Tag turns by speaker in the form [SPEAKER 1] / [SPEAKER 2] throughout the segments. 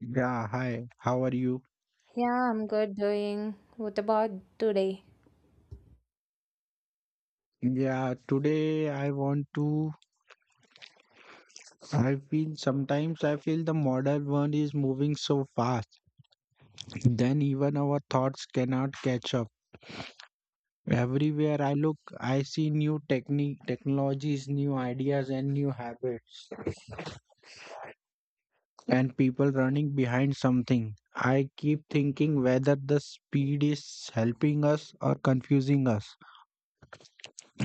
[SPEAKER 1] Yeah, hi. How are you?
[SPEAKER 2] Yeah, I'm good doing. What about today?
[SPEAKER 1] Yeah, today I want to. I feel sometimes I feel the modern world is moving so fast, then even our thoughts cannot catch up. Everywhere I look, I see new technologies, new ideas, and new habits, and people running behind something. I keep thinking whether the speed is helping us or confusing us.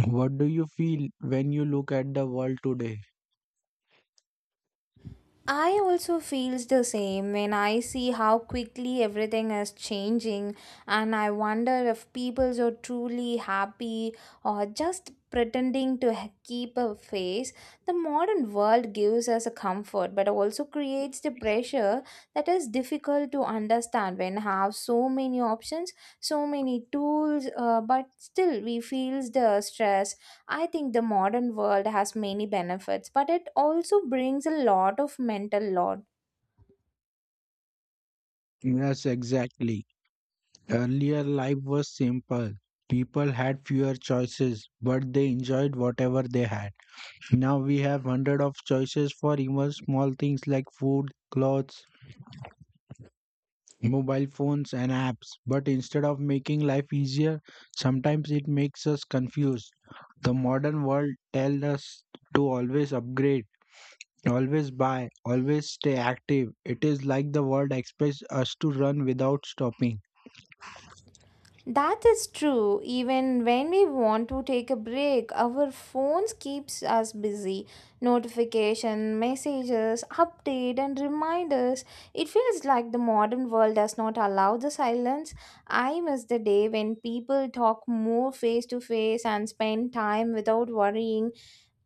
[SPEAKER 1] What do you feel when you look at the world today?
[SPEAKER 2] I also feels the same when I see how quickly everything is changing, and I wonder if people are truly happy or just pretending to keep a face. The modern world gives us a comfort but also creates the pressure that is difficult to understand when have so many options, so many tools, but still we feels the stress. I think the modern world has many benefits, but it also brings a lot of mental load.
[SPEAKER 1] Yes, exactly. Earlier life was simple. People had fewer choices, but they enjoyed whatever they had. Now we have hundred of choices for even small things like food, clothes, mobile phones and apps. But instead of making life easier, sometimes it makes us confused. The modern world tells us to always upgrade, always buy, always stay active. It is like the world expects us to run without stopping.
[SPEAKER 2] That is true. Even when we want to take a break, our phones keeps us busy. Notification, messages, update and reminders. It feels like the modern world does not allow the silence. I miss the day when people talk more face to face and spend time without worrying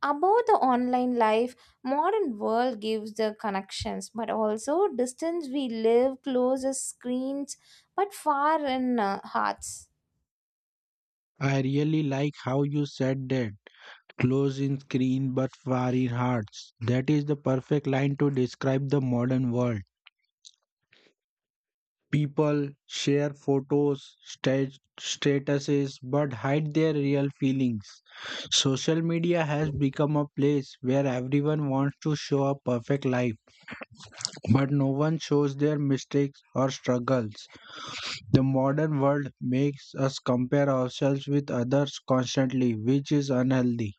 [SPEAKER 2] about the online life. Modern world gives the connections, but also distance. We live close as screens, but far in hearts.
[SPEAKER 1] I really like how you said that: close in screen but far in hearts. That is the perfect line to describe the modern world. People share photos, statuses, but hide their real feelings. Social media has become a place where everyone wants to show a perfect life, but no one shows their mistakes or struggles. The modern world makes us compare ourselves with others constantly, which is unhealthy.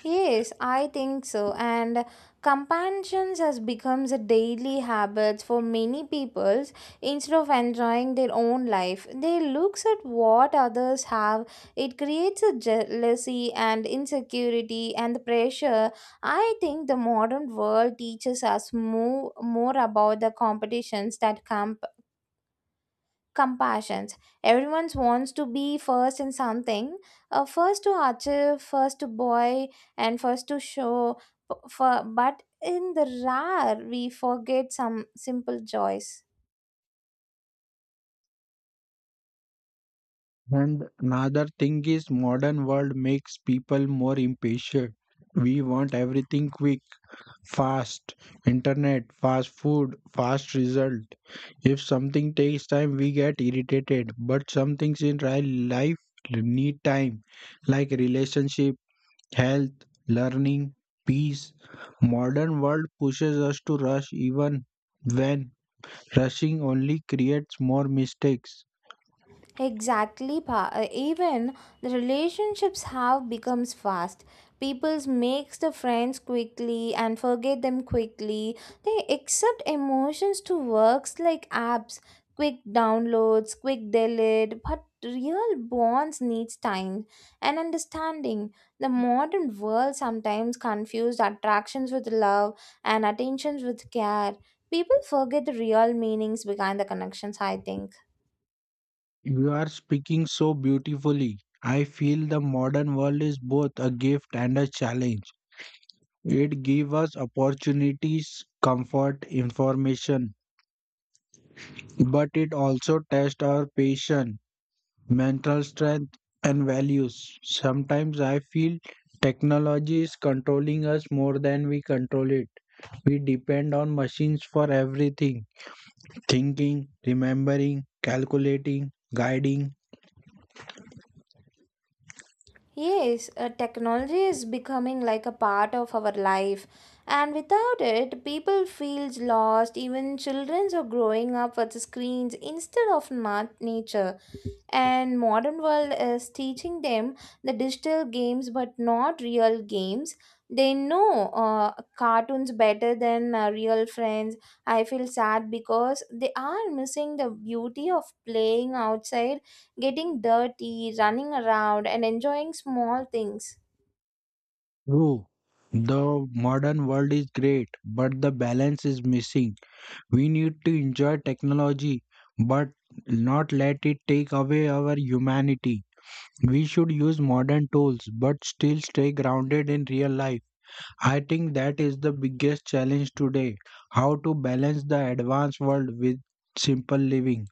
[SPEAKER 2] Yes, I think so. And companions has becomes a daily habit for many peoples. Instead of enjoying their own life, they looks at what others have. It creates a jealousy and insecurity and the pressure. I think the modern world teaches us more about the competitions that come compassions. Everyone wants to be first in something, first to achieve, first to boy and first to show for, but in the rare we forget some simple joys.
[SPEAKER 1] And another thing is modern world makes people more impatient. We want everything quick, fast, internet, fast food, fast result. If something takes time, we get irritated. But some things in real life need time, like relationship, health, learning, peace. Modern world pushes us to rush even when rushing only creates more mistakes.
[SPEAKER 2] Exactly. Even the relationships have becomes fast. People's makes the friends quickly and forget them quickly. They accept emotions to works like apps, quick downloads, quick delete, but real bonds needs time and understanding. The modern world sometimes confused attractions with love and attentions with care. People forget the real meanings behind the connections, I think.
[SPEAKER 1] You are speaking so beautifully. I feel the modern world is both a gift and a challenge. It gives us opportunities, comfort, information, but it also tests our patience, mental strength, and values. Sometimes I feel technology is controlling us more than we control it. We depend on machines for everything: thinking, remembering, calculating, guiding.
[SPEAKER 2] Yes, technology is becoming like a part of our life, and without it, people feel lost. Even children are growing up with screens instead of nature. And modern world is teaching them the digital games, but not real games. They know cartoons better than real friends. I feel sad because they are missing the beauty of playing outside, getting dirty, running around, and enjoying small things.
[SPEAKER 1] True, the modern world is great, but the balance is missing. We need to enjoy technology, but not let it take away our humanity. We should use modern tools, but still stay grounded in real life. I think that is the biggest challenge today: how to balance the advanced world with simple living.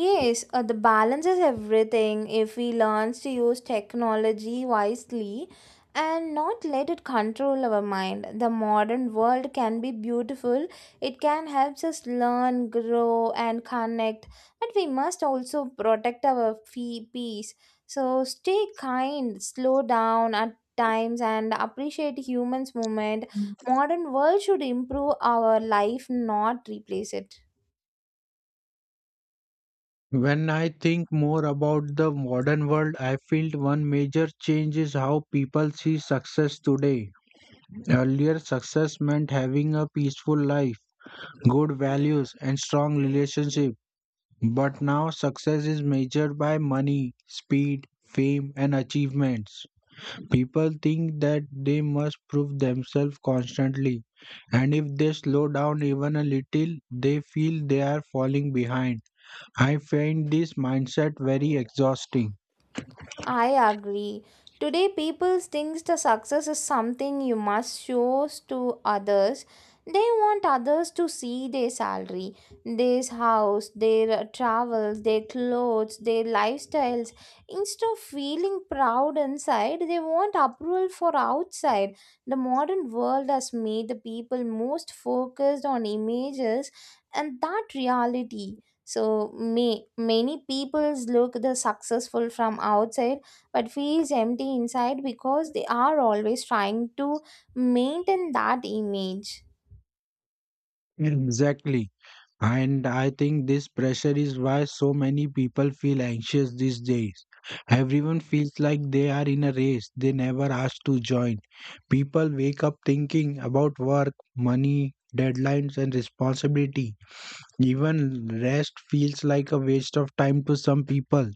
[SPEAKER 2] Yes, the balance is everything. If we learn to use technology wisely and not let it control our mind, the modern world can be beautiful. It can help us learn, grow, and connect, but we must also protect our peace. So stay kind, slow down at times and appreciate humans movement. Modern world should improve our life, not replace it.
[SPEAKER 1] When I think more about the modern world, I feel one major change is how people see success today. Earlier success meant having a peaceful life, good values, and strong relationship. But now success is measured by money, speed, fame, and achievements. People think that they must prove themselves constantly, and if they slow down even a little, they feel they are falling behind. I find this mindset very exhausting.
[SPEAKER 2] I agree. Today, people think the success is something you must show to others. They want others to see their salary, their house, their travels, their clothes, their lifestyles. Instead of feeling proud inside, they want approval for outside. The modern world has made the people most focused on images and that reality, so me many peoples look the successful from outside but feels empty inside because they are always trying to maintain that image.
[SPEAKER 1] Exactly. And I think this pressure is why so many people feel anxious these days. Everyone feels like they are in a race they never asked to join. People wake up thinking about work, money, deadlines, and responsibility. Even rest feels like a waste of time to some people.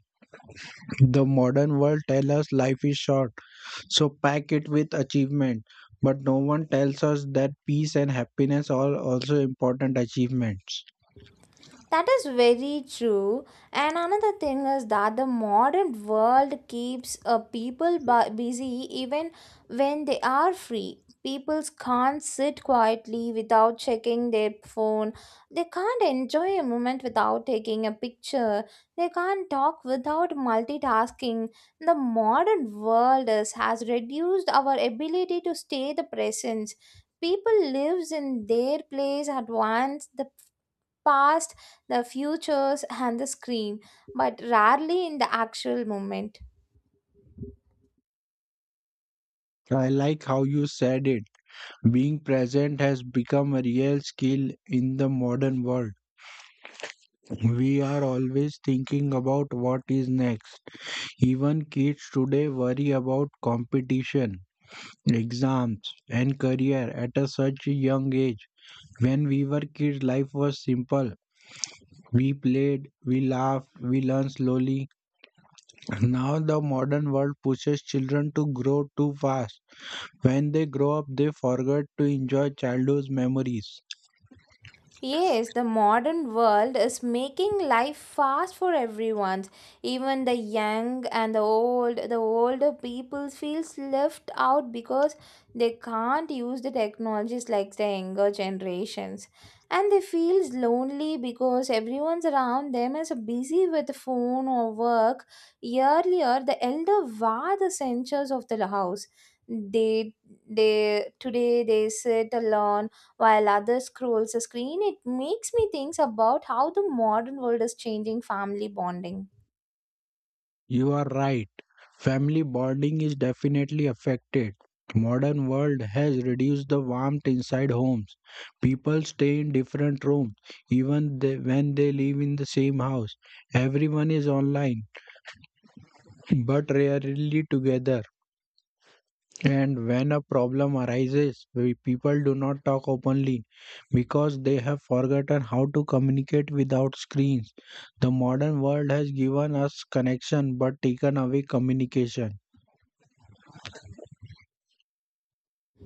[SPEAKER 1] The modern world tells us life is short, so pack it with achievement. But no one tells us that peace and happiness are also important achievements.
[SPEAKER 2] That is very true. And another thing is that the modern world keeps people busy even when they are free. People can't sit quietly without checking their phone. They can't enjoy a moment without taking a picture. They can't talk without multitasking. The modern world has reduced our ability to stay the presence. People lives in their place at once: the past, the futures, and the screen, but rarely in the actual moment.
[SPEAKER 1] I like how you said it. Being present has become a real skill in the modern world. We are always thinking about what is next. Even kids today worry about competition, exams, and career at a such a young age. When we were kids, life was simple. We played, we laughed, we learned slowly. Now the modern world pushes children to grow too fast. When they grow up, they forget to enjoy childhood's memories.
[SPEAKER 2] Yes, the modern world is making life fast for everyone. Even the young and the old, the older people feels left out because they can't use the technologies like the younger generations. And they feels lonely because everyone's around them is busy with the phone or work. Earlier, the elder were the centers of the house. They, they today they sit alone while others scrolls the screen. It makes me think about how the modern world is changing family bonding.
[SPEAKER 1] You are right. Family bonding is definitely affected. Modern world has reduced the warmth inside homes. People stay in different rooms when they live in the same house. Everyone is online but rarely together. And when a problem arises, people do not talk openly because they have forgotten how to communicate without screens. The modern world has given us connection but taken away communication.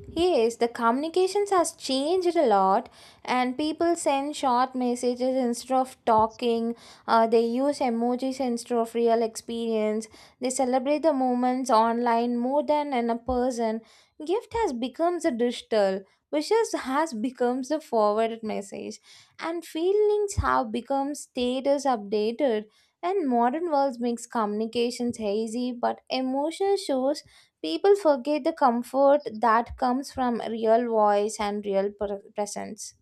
[SPEAKER 2] Yes, the communications has changed a lot, and people send short messages instead of talking. They use emojis instead of real experience. They celebrate the moments online more than in a person. Gift has become the digital. Wishes has become the forwarded message, and feelings have become status updated. And modern world makes communications hazy, but emotion shows. People forget the comfort that comes from real voice and real presence.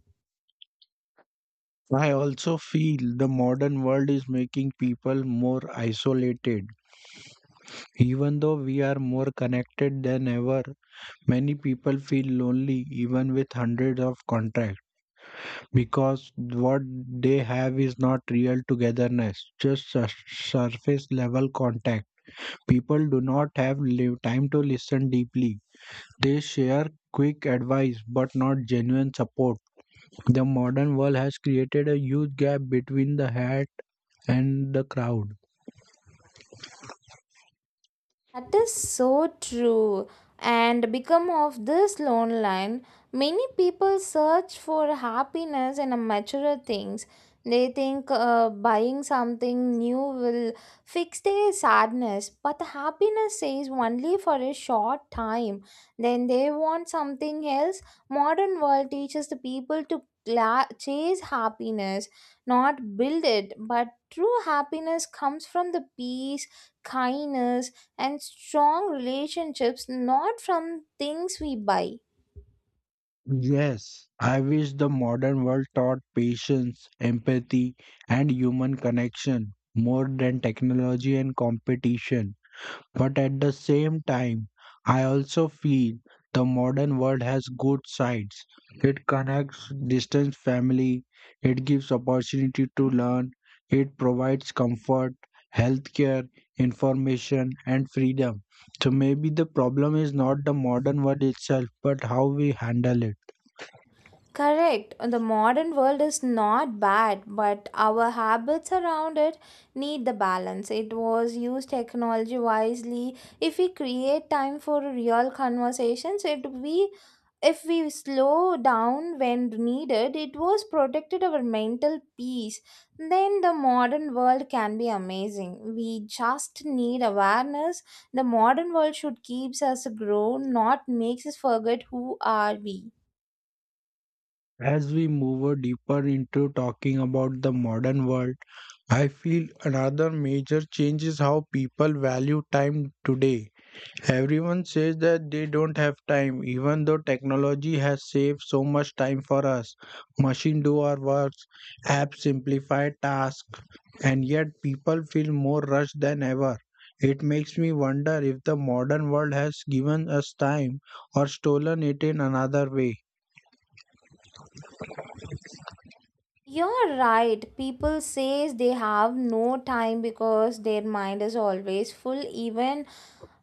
[SPEAKER 1] I also feel the modern world is making people more isolated. Even though we are more connected than ever, many people feel lonely even with hundreds of contacts because what they have is not real togetherness, just surface level contact. People do not have time to listen deeply. They share quick advice but not genuine support. The modern world has created a huge gap between the hat and the crowd.
[SPEAKER 2] That is so true. And become of this lone line, many people search for happiness in a material things. They think buying something new will fix their sadness, but the happiness is only for a short time. Then they want something else. Modern world teaches the people to chase happiness, not build it. But true happiness comes from the peace, kindness and strong relationships, not from things we buy.
[SPEAKER 1] Yes, I wish the modern world taught patience, empathy, and human connection more than technology and competition. But at the same time, I also feel the modern world has good sides. It connects distant family, it gives opportunity to learn, it provides comfort, healthcare, information, and freedom. So maybe the problem is not the modern world itself, but how we handle it.
[SPEAKER 2] Correct. The modern world is not bad, but our habits around it need the balance. It was used technology wisely. If we create time for real conversations, it we if we slow down when needed, it was protected our mental peace. Then the modern world can be amazing. We just need awareness. The modern world should keeps us grow, not makes us forget who are we.
[SPEAKER 1] As we move deeper into talking about the modern world, I feel another major change is how people value time today. Everyone says that they don't have time, even though technology has saved so much time for us. Machine do our works, apps simplify tasks, and yet people feel more rushed than ever. It makes me wonder if the modern world has given us time or stolen it in another way.
[SPEAKER 2] You're right. People says they have no time because their mind is always full even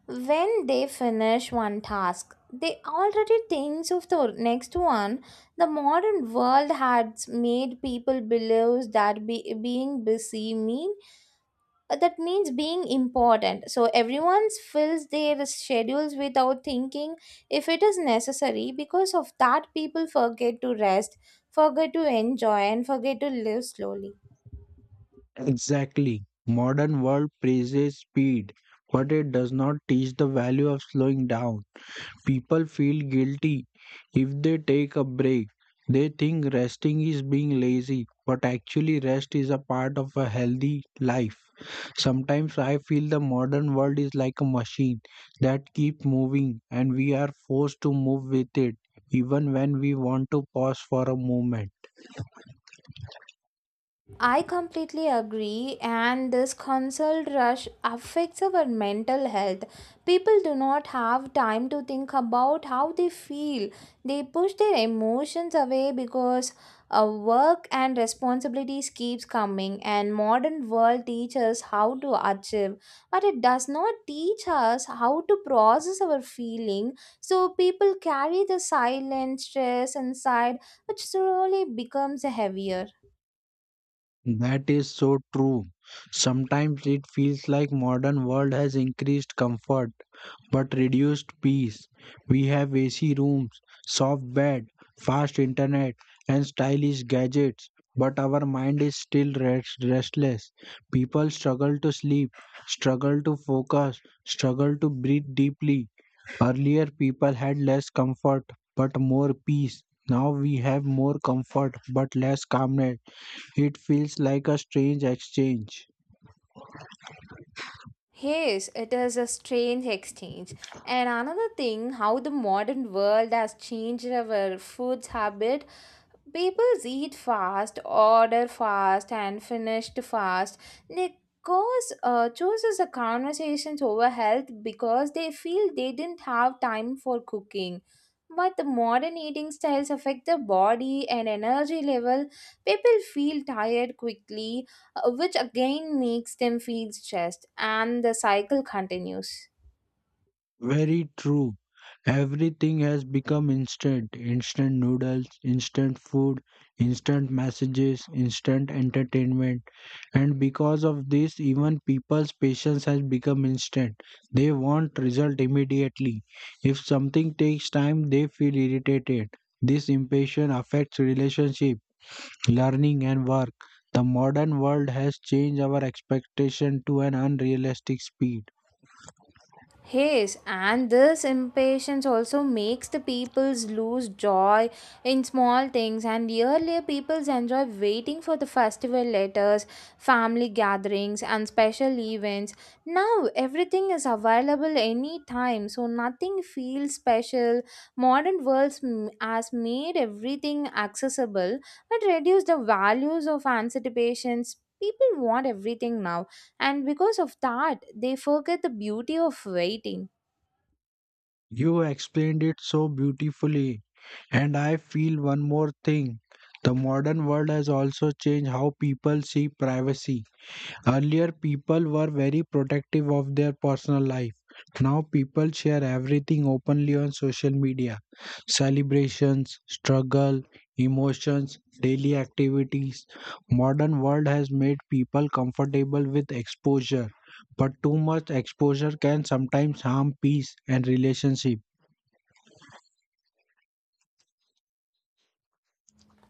[SPEAKER 2] when they finish one task. They already thinks of the next one. The modern world has made people believe that being busy means, that means being important, so everyone's fills their schedules without thinking if it is necessary. Because of that, people forget to rest, forget to enjoy and forget to live slowly.
[SPEAKER 1] Exactly. Modern world praises speed, but it does not teach the value of slowing down. People feel guilty if they take a break. They think resting is being lazy, but actually, rest is a part of a healthy life. Sometimes I feel the modern world is like a machine that keeps moving, and we are forced to move with it, even when we want to pause for a moment.
[SPEAKER 2] I completely agree, and this consult rush affects our mental health. People do not have time to think about how they feel. They push their emotions away because work and responsibilities keeps coming, and modern world teaches how to achieve, but it does not teach us how to process our feeling. So people carry the silent stress inside, which slowly becomes heavier.
[SPEAKER 1] That is so true. Sometimes it feels like modern world has increased comfort but reduced peace. We have AC rooms, soft bed, fast internet, and stylish gadgets, but our mind is still restless. People struggle to sleep, struggle to focus, struggle to breathe deeply. Earlier, people had less comfort but more peace. Now we have more comfort but less calmness. It feels like a strange exchange.
[SPEAKER 2] Yes, it is a strange exchange. And another thing, how the modern world has changed our food habit. People eat fast, order fast, and finish fast. They cause, chooses the conversations over health because they feel they didn't have time for cooking. But the modern eating styles affect the body and energy level. People feel tired quickly, which again makes them feel stressed, and the cycle continues.
[SPEAKER 1] Very true. Everything has become instant. Instant noodles, instant food, instant messages, instant entertainment. And because of this, even people's patience has become instant. They want result immediately. If something takes time, they feel irritated. This impatience affects relationship, learning and work. The modern world has changed our expectation to an unrealistic speed.
[SPEAKER 2] Yes, and this impatience also makes the peoples lose joy in small things. And earlier, peoples enjoy waiting for the festival letters, family gatherings, and special events. Now, everything is available anytime, so nothing feels special. Modern world has made everything accessible and reduced the values of anticipations. People want everything now, and because of that they forget the beauty of waiting.
[SPEAKER 1] You explained it so beautifully. And I feel one more thing. The modern world has also changed how people see privacy. Earlier, people were very protective of their personal life. Now, people share everything openly on social media: celebrations, struggle, emotions, daily activities. Modern world has made people comfortable with exposure, but too much exposure can sometimes harm peace and relationship.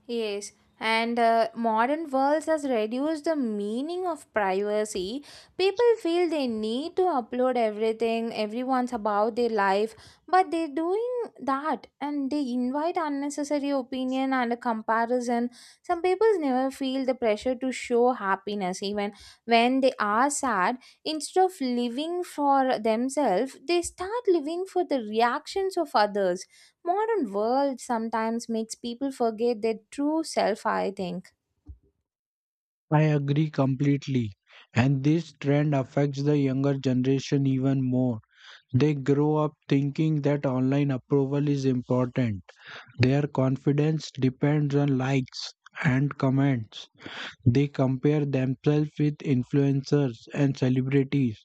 [SPEAKER 2] Yes, and modern worlds has reduced the meaning of privacy. People feel they need to upload everything, everyone's about their life, but they're doing that and they invite unnecessary opinion and a comparison. Some people never feel the pressure to show happiness even when they are sad. Instead of living for themselves, they start living for the reactions of others. Modern world sometimes makes people forget their true self, I think.
[SPEAKER 1] I agree completely. And this trend affects the younger generation even more. They grow up thinking that online approval is important. Their confidence depends on likes and comments. They compare themselves with influencers and celebrities.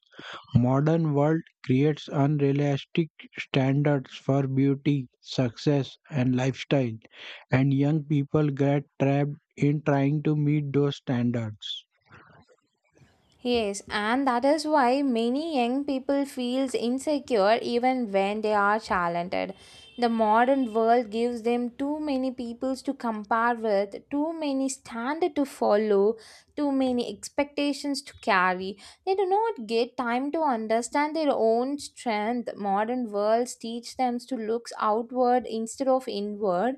[SPEAKER 1] Modern world creates unrealistic standards for beauty, success and lifestyle, and young people get trapped in trying to meet those standards.
[SPEAKER 2] Yes, and that is why many young people feels insecure even when they are talented. The modern world gives them too many peoples to compare with, too many standard to follow, too many expectations to carry. They do not get time to understand their own strength. Modern worlds teach them to look outward instead of inward.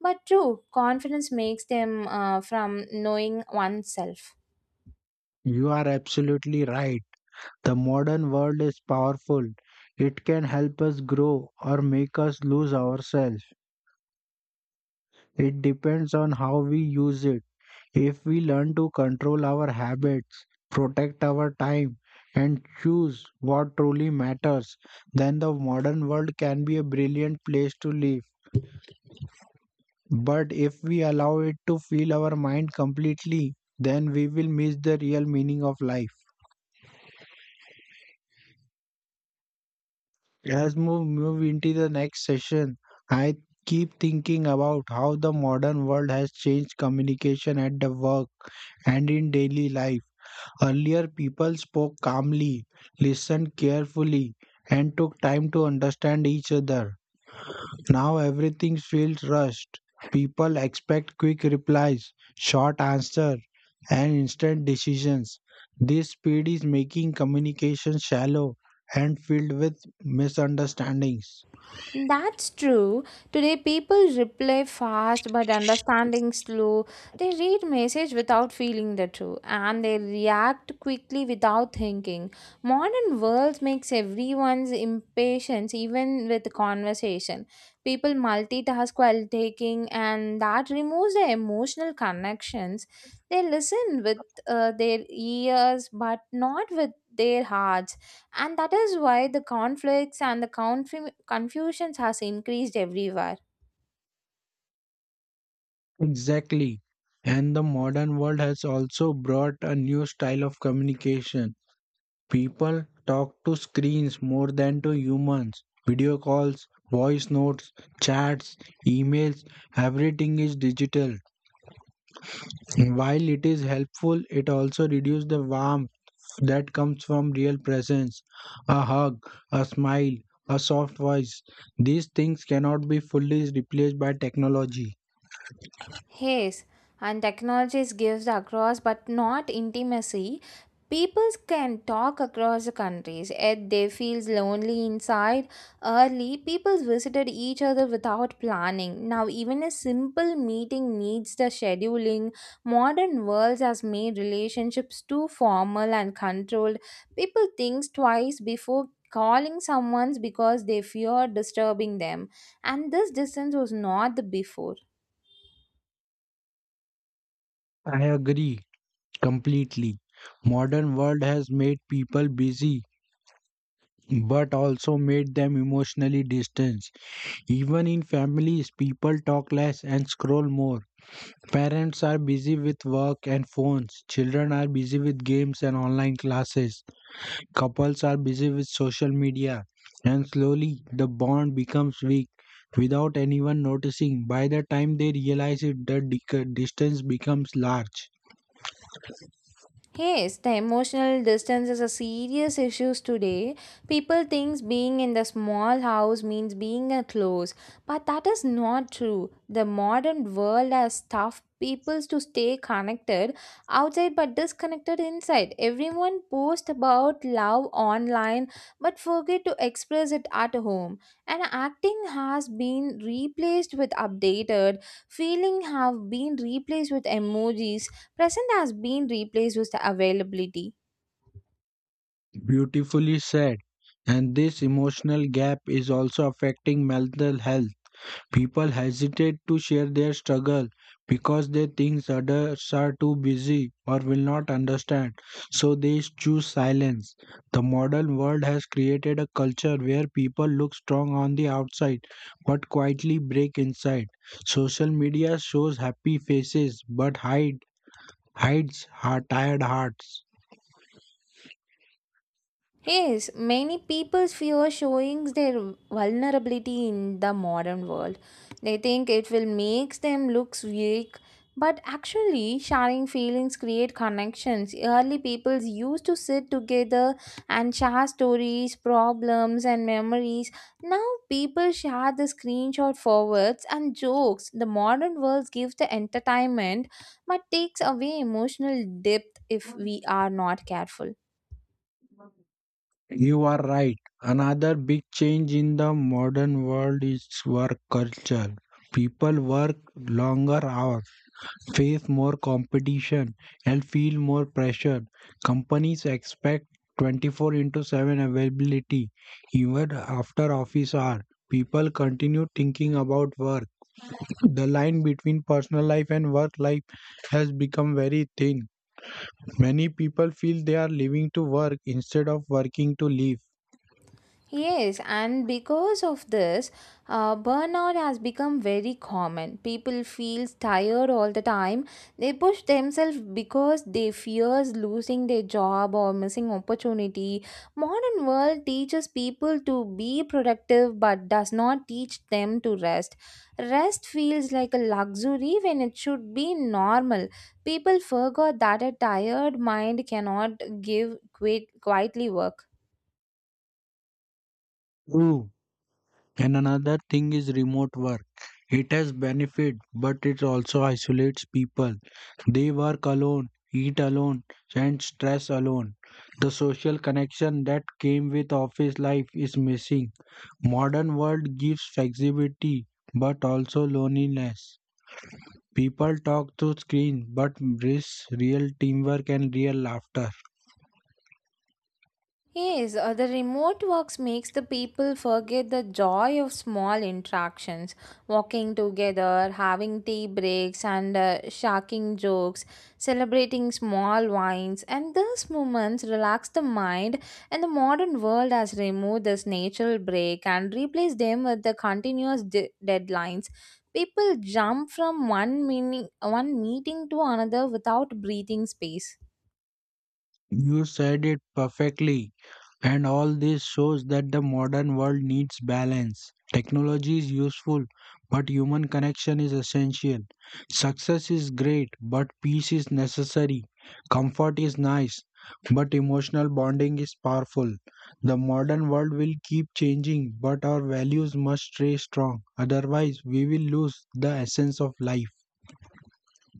[SPEAKER 2] But true, confidence makes them from knowing oneself.
[SPEAKER 1] You are absolutely right. The modern world is powerful. It can help us grow or make us lose ourselves. It depends on how we use it. If we learn to control our habits, protect our time, and choose what truly matters, then the modern world can be a brilliant place to live. But if we allow it to fill our mind completely, then we will miss the real meaning of life. As we move into the next session, I keep thinking about how the modern world has changed communication at the work and in daily life. Earlier, people spoke calmly, listened carefully, and took time to understand each other. Now, everything feels rushed. People expect quick replies, short answers, and instant decisions. This speed is making communication shallow and filled with misunderstandings.
[SPEAKER 2] That's true. Today, people reply fast but understanding slow. They read message without feeling the truth, and they react quickly without thinking. Modern world makes everyone's impatience even with conversation. People multitask while taking, and that removes their emotional connections. They listen with their ears but not with their hearts, and that is why the conflicts and the confusions has increased everywhere.
[SPEAKER 1] Exactly. And the modern world has also brought a new style of communication. People talk to screens more than to humans. Video calls, voice notes, chats, emails, everything is digital. While it is helpful, it also reduces the warmth that comes from real presence. A hug, a smile, a soft voice. These things cannot be fully replaced by technology.
[SPEAKER 2] Yes, and technologies gives across but not intimacy. People can talk across the countries, yet they feels lonely inside. Early, people visited each other without planning. Now, even a simple meeting needs the scheduling. Modern worlds has made relationships too formal and controlled. People thinks twice before calling someone because they fear disturbing them, and this distance was not the before.
[SPEAKER 1] I agree. Completely. Modern world has made people busy but also made them emotionally distanced. Even in families, people talk less and scroll more. Parents are busy with work and phones. Children are busy with games and online classes. Couples are busy with social media. And slowly the bond becomes weak without anyone noticing. By the time they realize it, the distance becomes large.
[SPEAKER 2] Yes, the emotional distance is a serious issue today. People think being in the small house means being a close, but that is not true. The modern world has tough people to stay connected outside but disconnected inside. Everyone posts about love online but forget to express it at home. And acting has been replaced with updated, feeling have been replaced with emojis. Present has been replaced with the availability.
[SPEAKER 1] Beautifully said. And this emotional gap is also affecting mental health. People hesitate to share their struggle because they think others are too busy or will not understand. So they choose silence. The modern world has created a culture where people look strong on the outside but quietly break inside. Social media shows happy faces but hides tired hearts.
[SPEAKER 2] Yes, many people fear showing their vulnerability in the modern world. They think it will make them look weak, but actually, sharing feelings create connections. Early peoples used to sit together and share stories, problems, and memories. Now, people share the screenshot forwards and jokes. The modern world gives the entertainment, but takes away emotional depth if we are not careful.
[SPEAKER 1] You are right. Another big change in the modern world is work culture. People work longer hours, face more competition, and feel more pressure. Companies expect 24 into 7 availability even after office hours. People continue thinking about work. The line between personal life and work life has become very thin. Many people feel they are living to work instead of working to live.
[SPEAKER 2] Yes, and because of this, burnout has become very common. People feel tired all the time. They push themselves because they fears losing their job or missing opportunity. Modern world teaches people to be productive but does not teach them to rest. Rest feels like a luxury when it should be normal. People forgot that a tired mind cannot give quit quietly work.
[SPEAKER 1] True. And another thing is remote work. It has benefit, but it also isolates people. They work alone, eat alone, and stress alone. The social connection that came with office life is missing. Modern world gives flexibility, but also loneliness. People talk through screen, but miss real teamwork and real laughter.
[SPEAKER 2] Yes, the remote works makes the people forget the joy of small interactions, walking together, having tea breaks, and shocking jokes, celebrating small wines, and these moments relax the mind. And the modern world has removed this natural break and replaced them with the continuous deadlines. People jump from one meeting to another without breathing space.
[SPEAKER 1] You said it perfectly. And all this shows that the modern world needs balance. Technology is useful, but human connection is essential. Success is great, but peace is necessary. Comfort is nice, but emotional bonding is powerful. The modern world will keep changing, but our values must stay strong. Otherwise, we will lose the essence of life.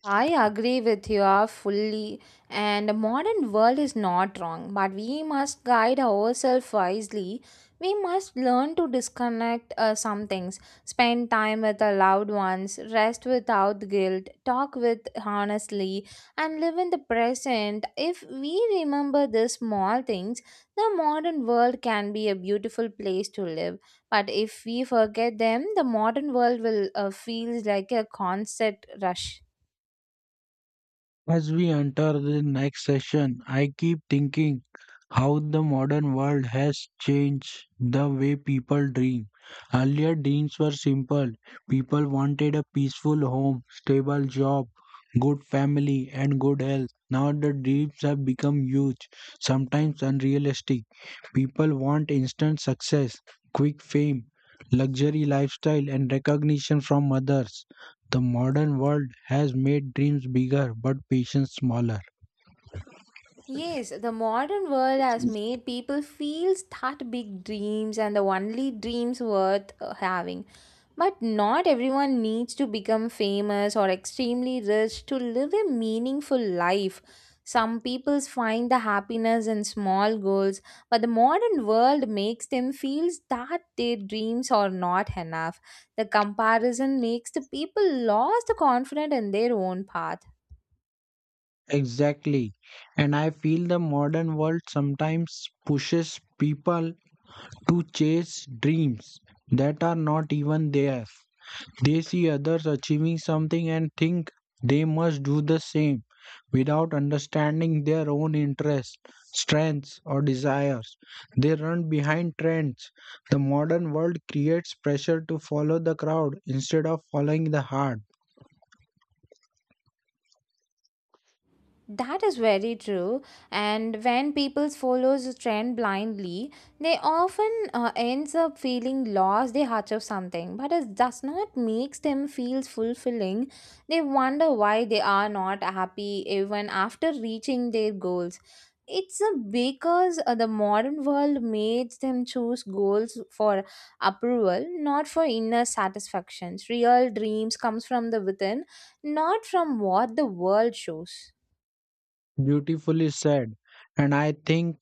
[SPEAKER 2] I agree with you fully, and the modern world is not wrong, but we must guide ourselves wisely. We must learn to disconnect some things, spend time with our loved ones, rest without guilt, talk with honestly, and live in the present. If we remember the small things, the modern world can be a beautiful place to live. But if we forget them, the modern world will feel like a constant rush.
[SPEAKER 1] As we enter the next session, I keep thinking how the modern world has changed the way people dream. Earlier, dreams were simple. People wanted a peaceful home, stable job, good family, and good health. Now, the dreams have become huge, sometimes unrealistic. People want instant success, quick fame, luxury lifestyle, and recognition from others. The modern world has made dreams bigger but patience smaller.
[SPEAKER 2] Yes, the modern world has made people feel that big dreams and the only dreams worth having. But not everyone needs to become famous or extremely rich to live a meaningful life. Some people find the happiness in small goals, but the modern world makes them feel that their dreams are not enough. The comparison makes the people lose the confidence in their own path.
[SPEAKER 1] Exactly. And I feel the modern world sometimes pushes people to chase dreams that are not even theirs. They see others achieving something and think they must do the same without understanding their own interests, strengths, or desires. They run behind trends. The modern world creates pressure to follow the crowd instead of following the heart.
[SPEAKER 2] That is very true. And when people follows a trend blindly, they often ends up feeling lost. They heart of something, but it does not makes them feel fulfilling. They wonder why they are not happy even after reaching their goals. It's a because the modern world makes them choose goals for approval, not for inner satisfactions. Real dreams comes from the within, not from what the world shows.
[SPEAKER 1] Beautifully said. And I think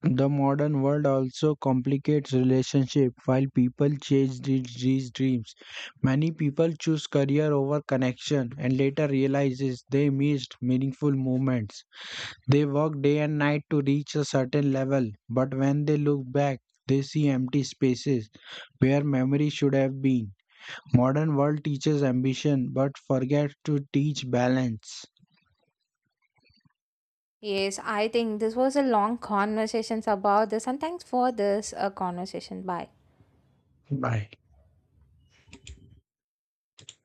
[SPEAKER 1] the modern world also complicates relationship while people chase these dreams. Many people choose career over connection and later realizes they missed meaningful moments. They work day and night to reach a certain level, but when they look back, they see empty spaces where memory should have been. Modern world teaches ambition but forgets to teach balance.
[SPEAKER 2] Yes, I think this was a long conversations about this, and thanks for this conversation. Bye.
[SPEAKER 1] Bye.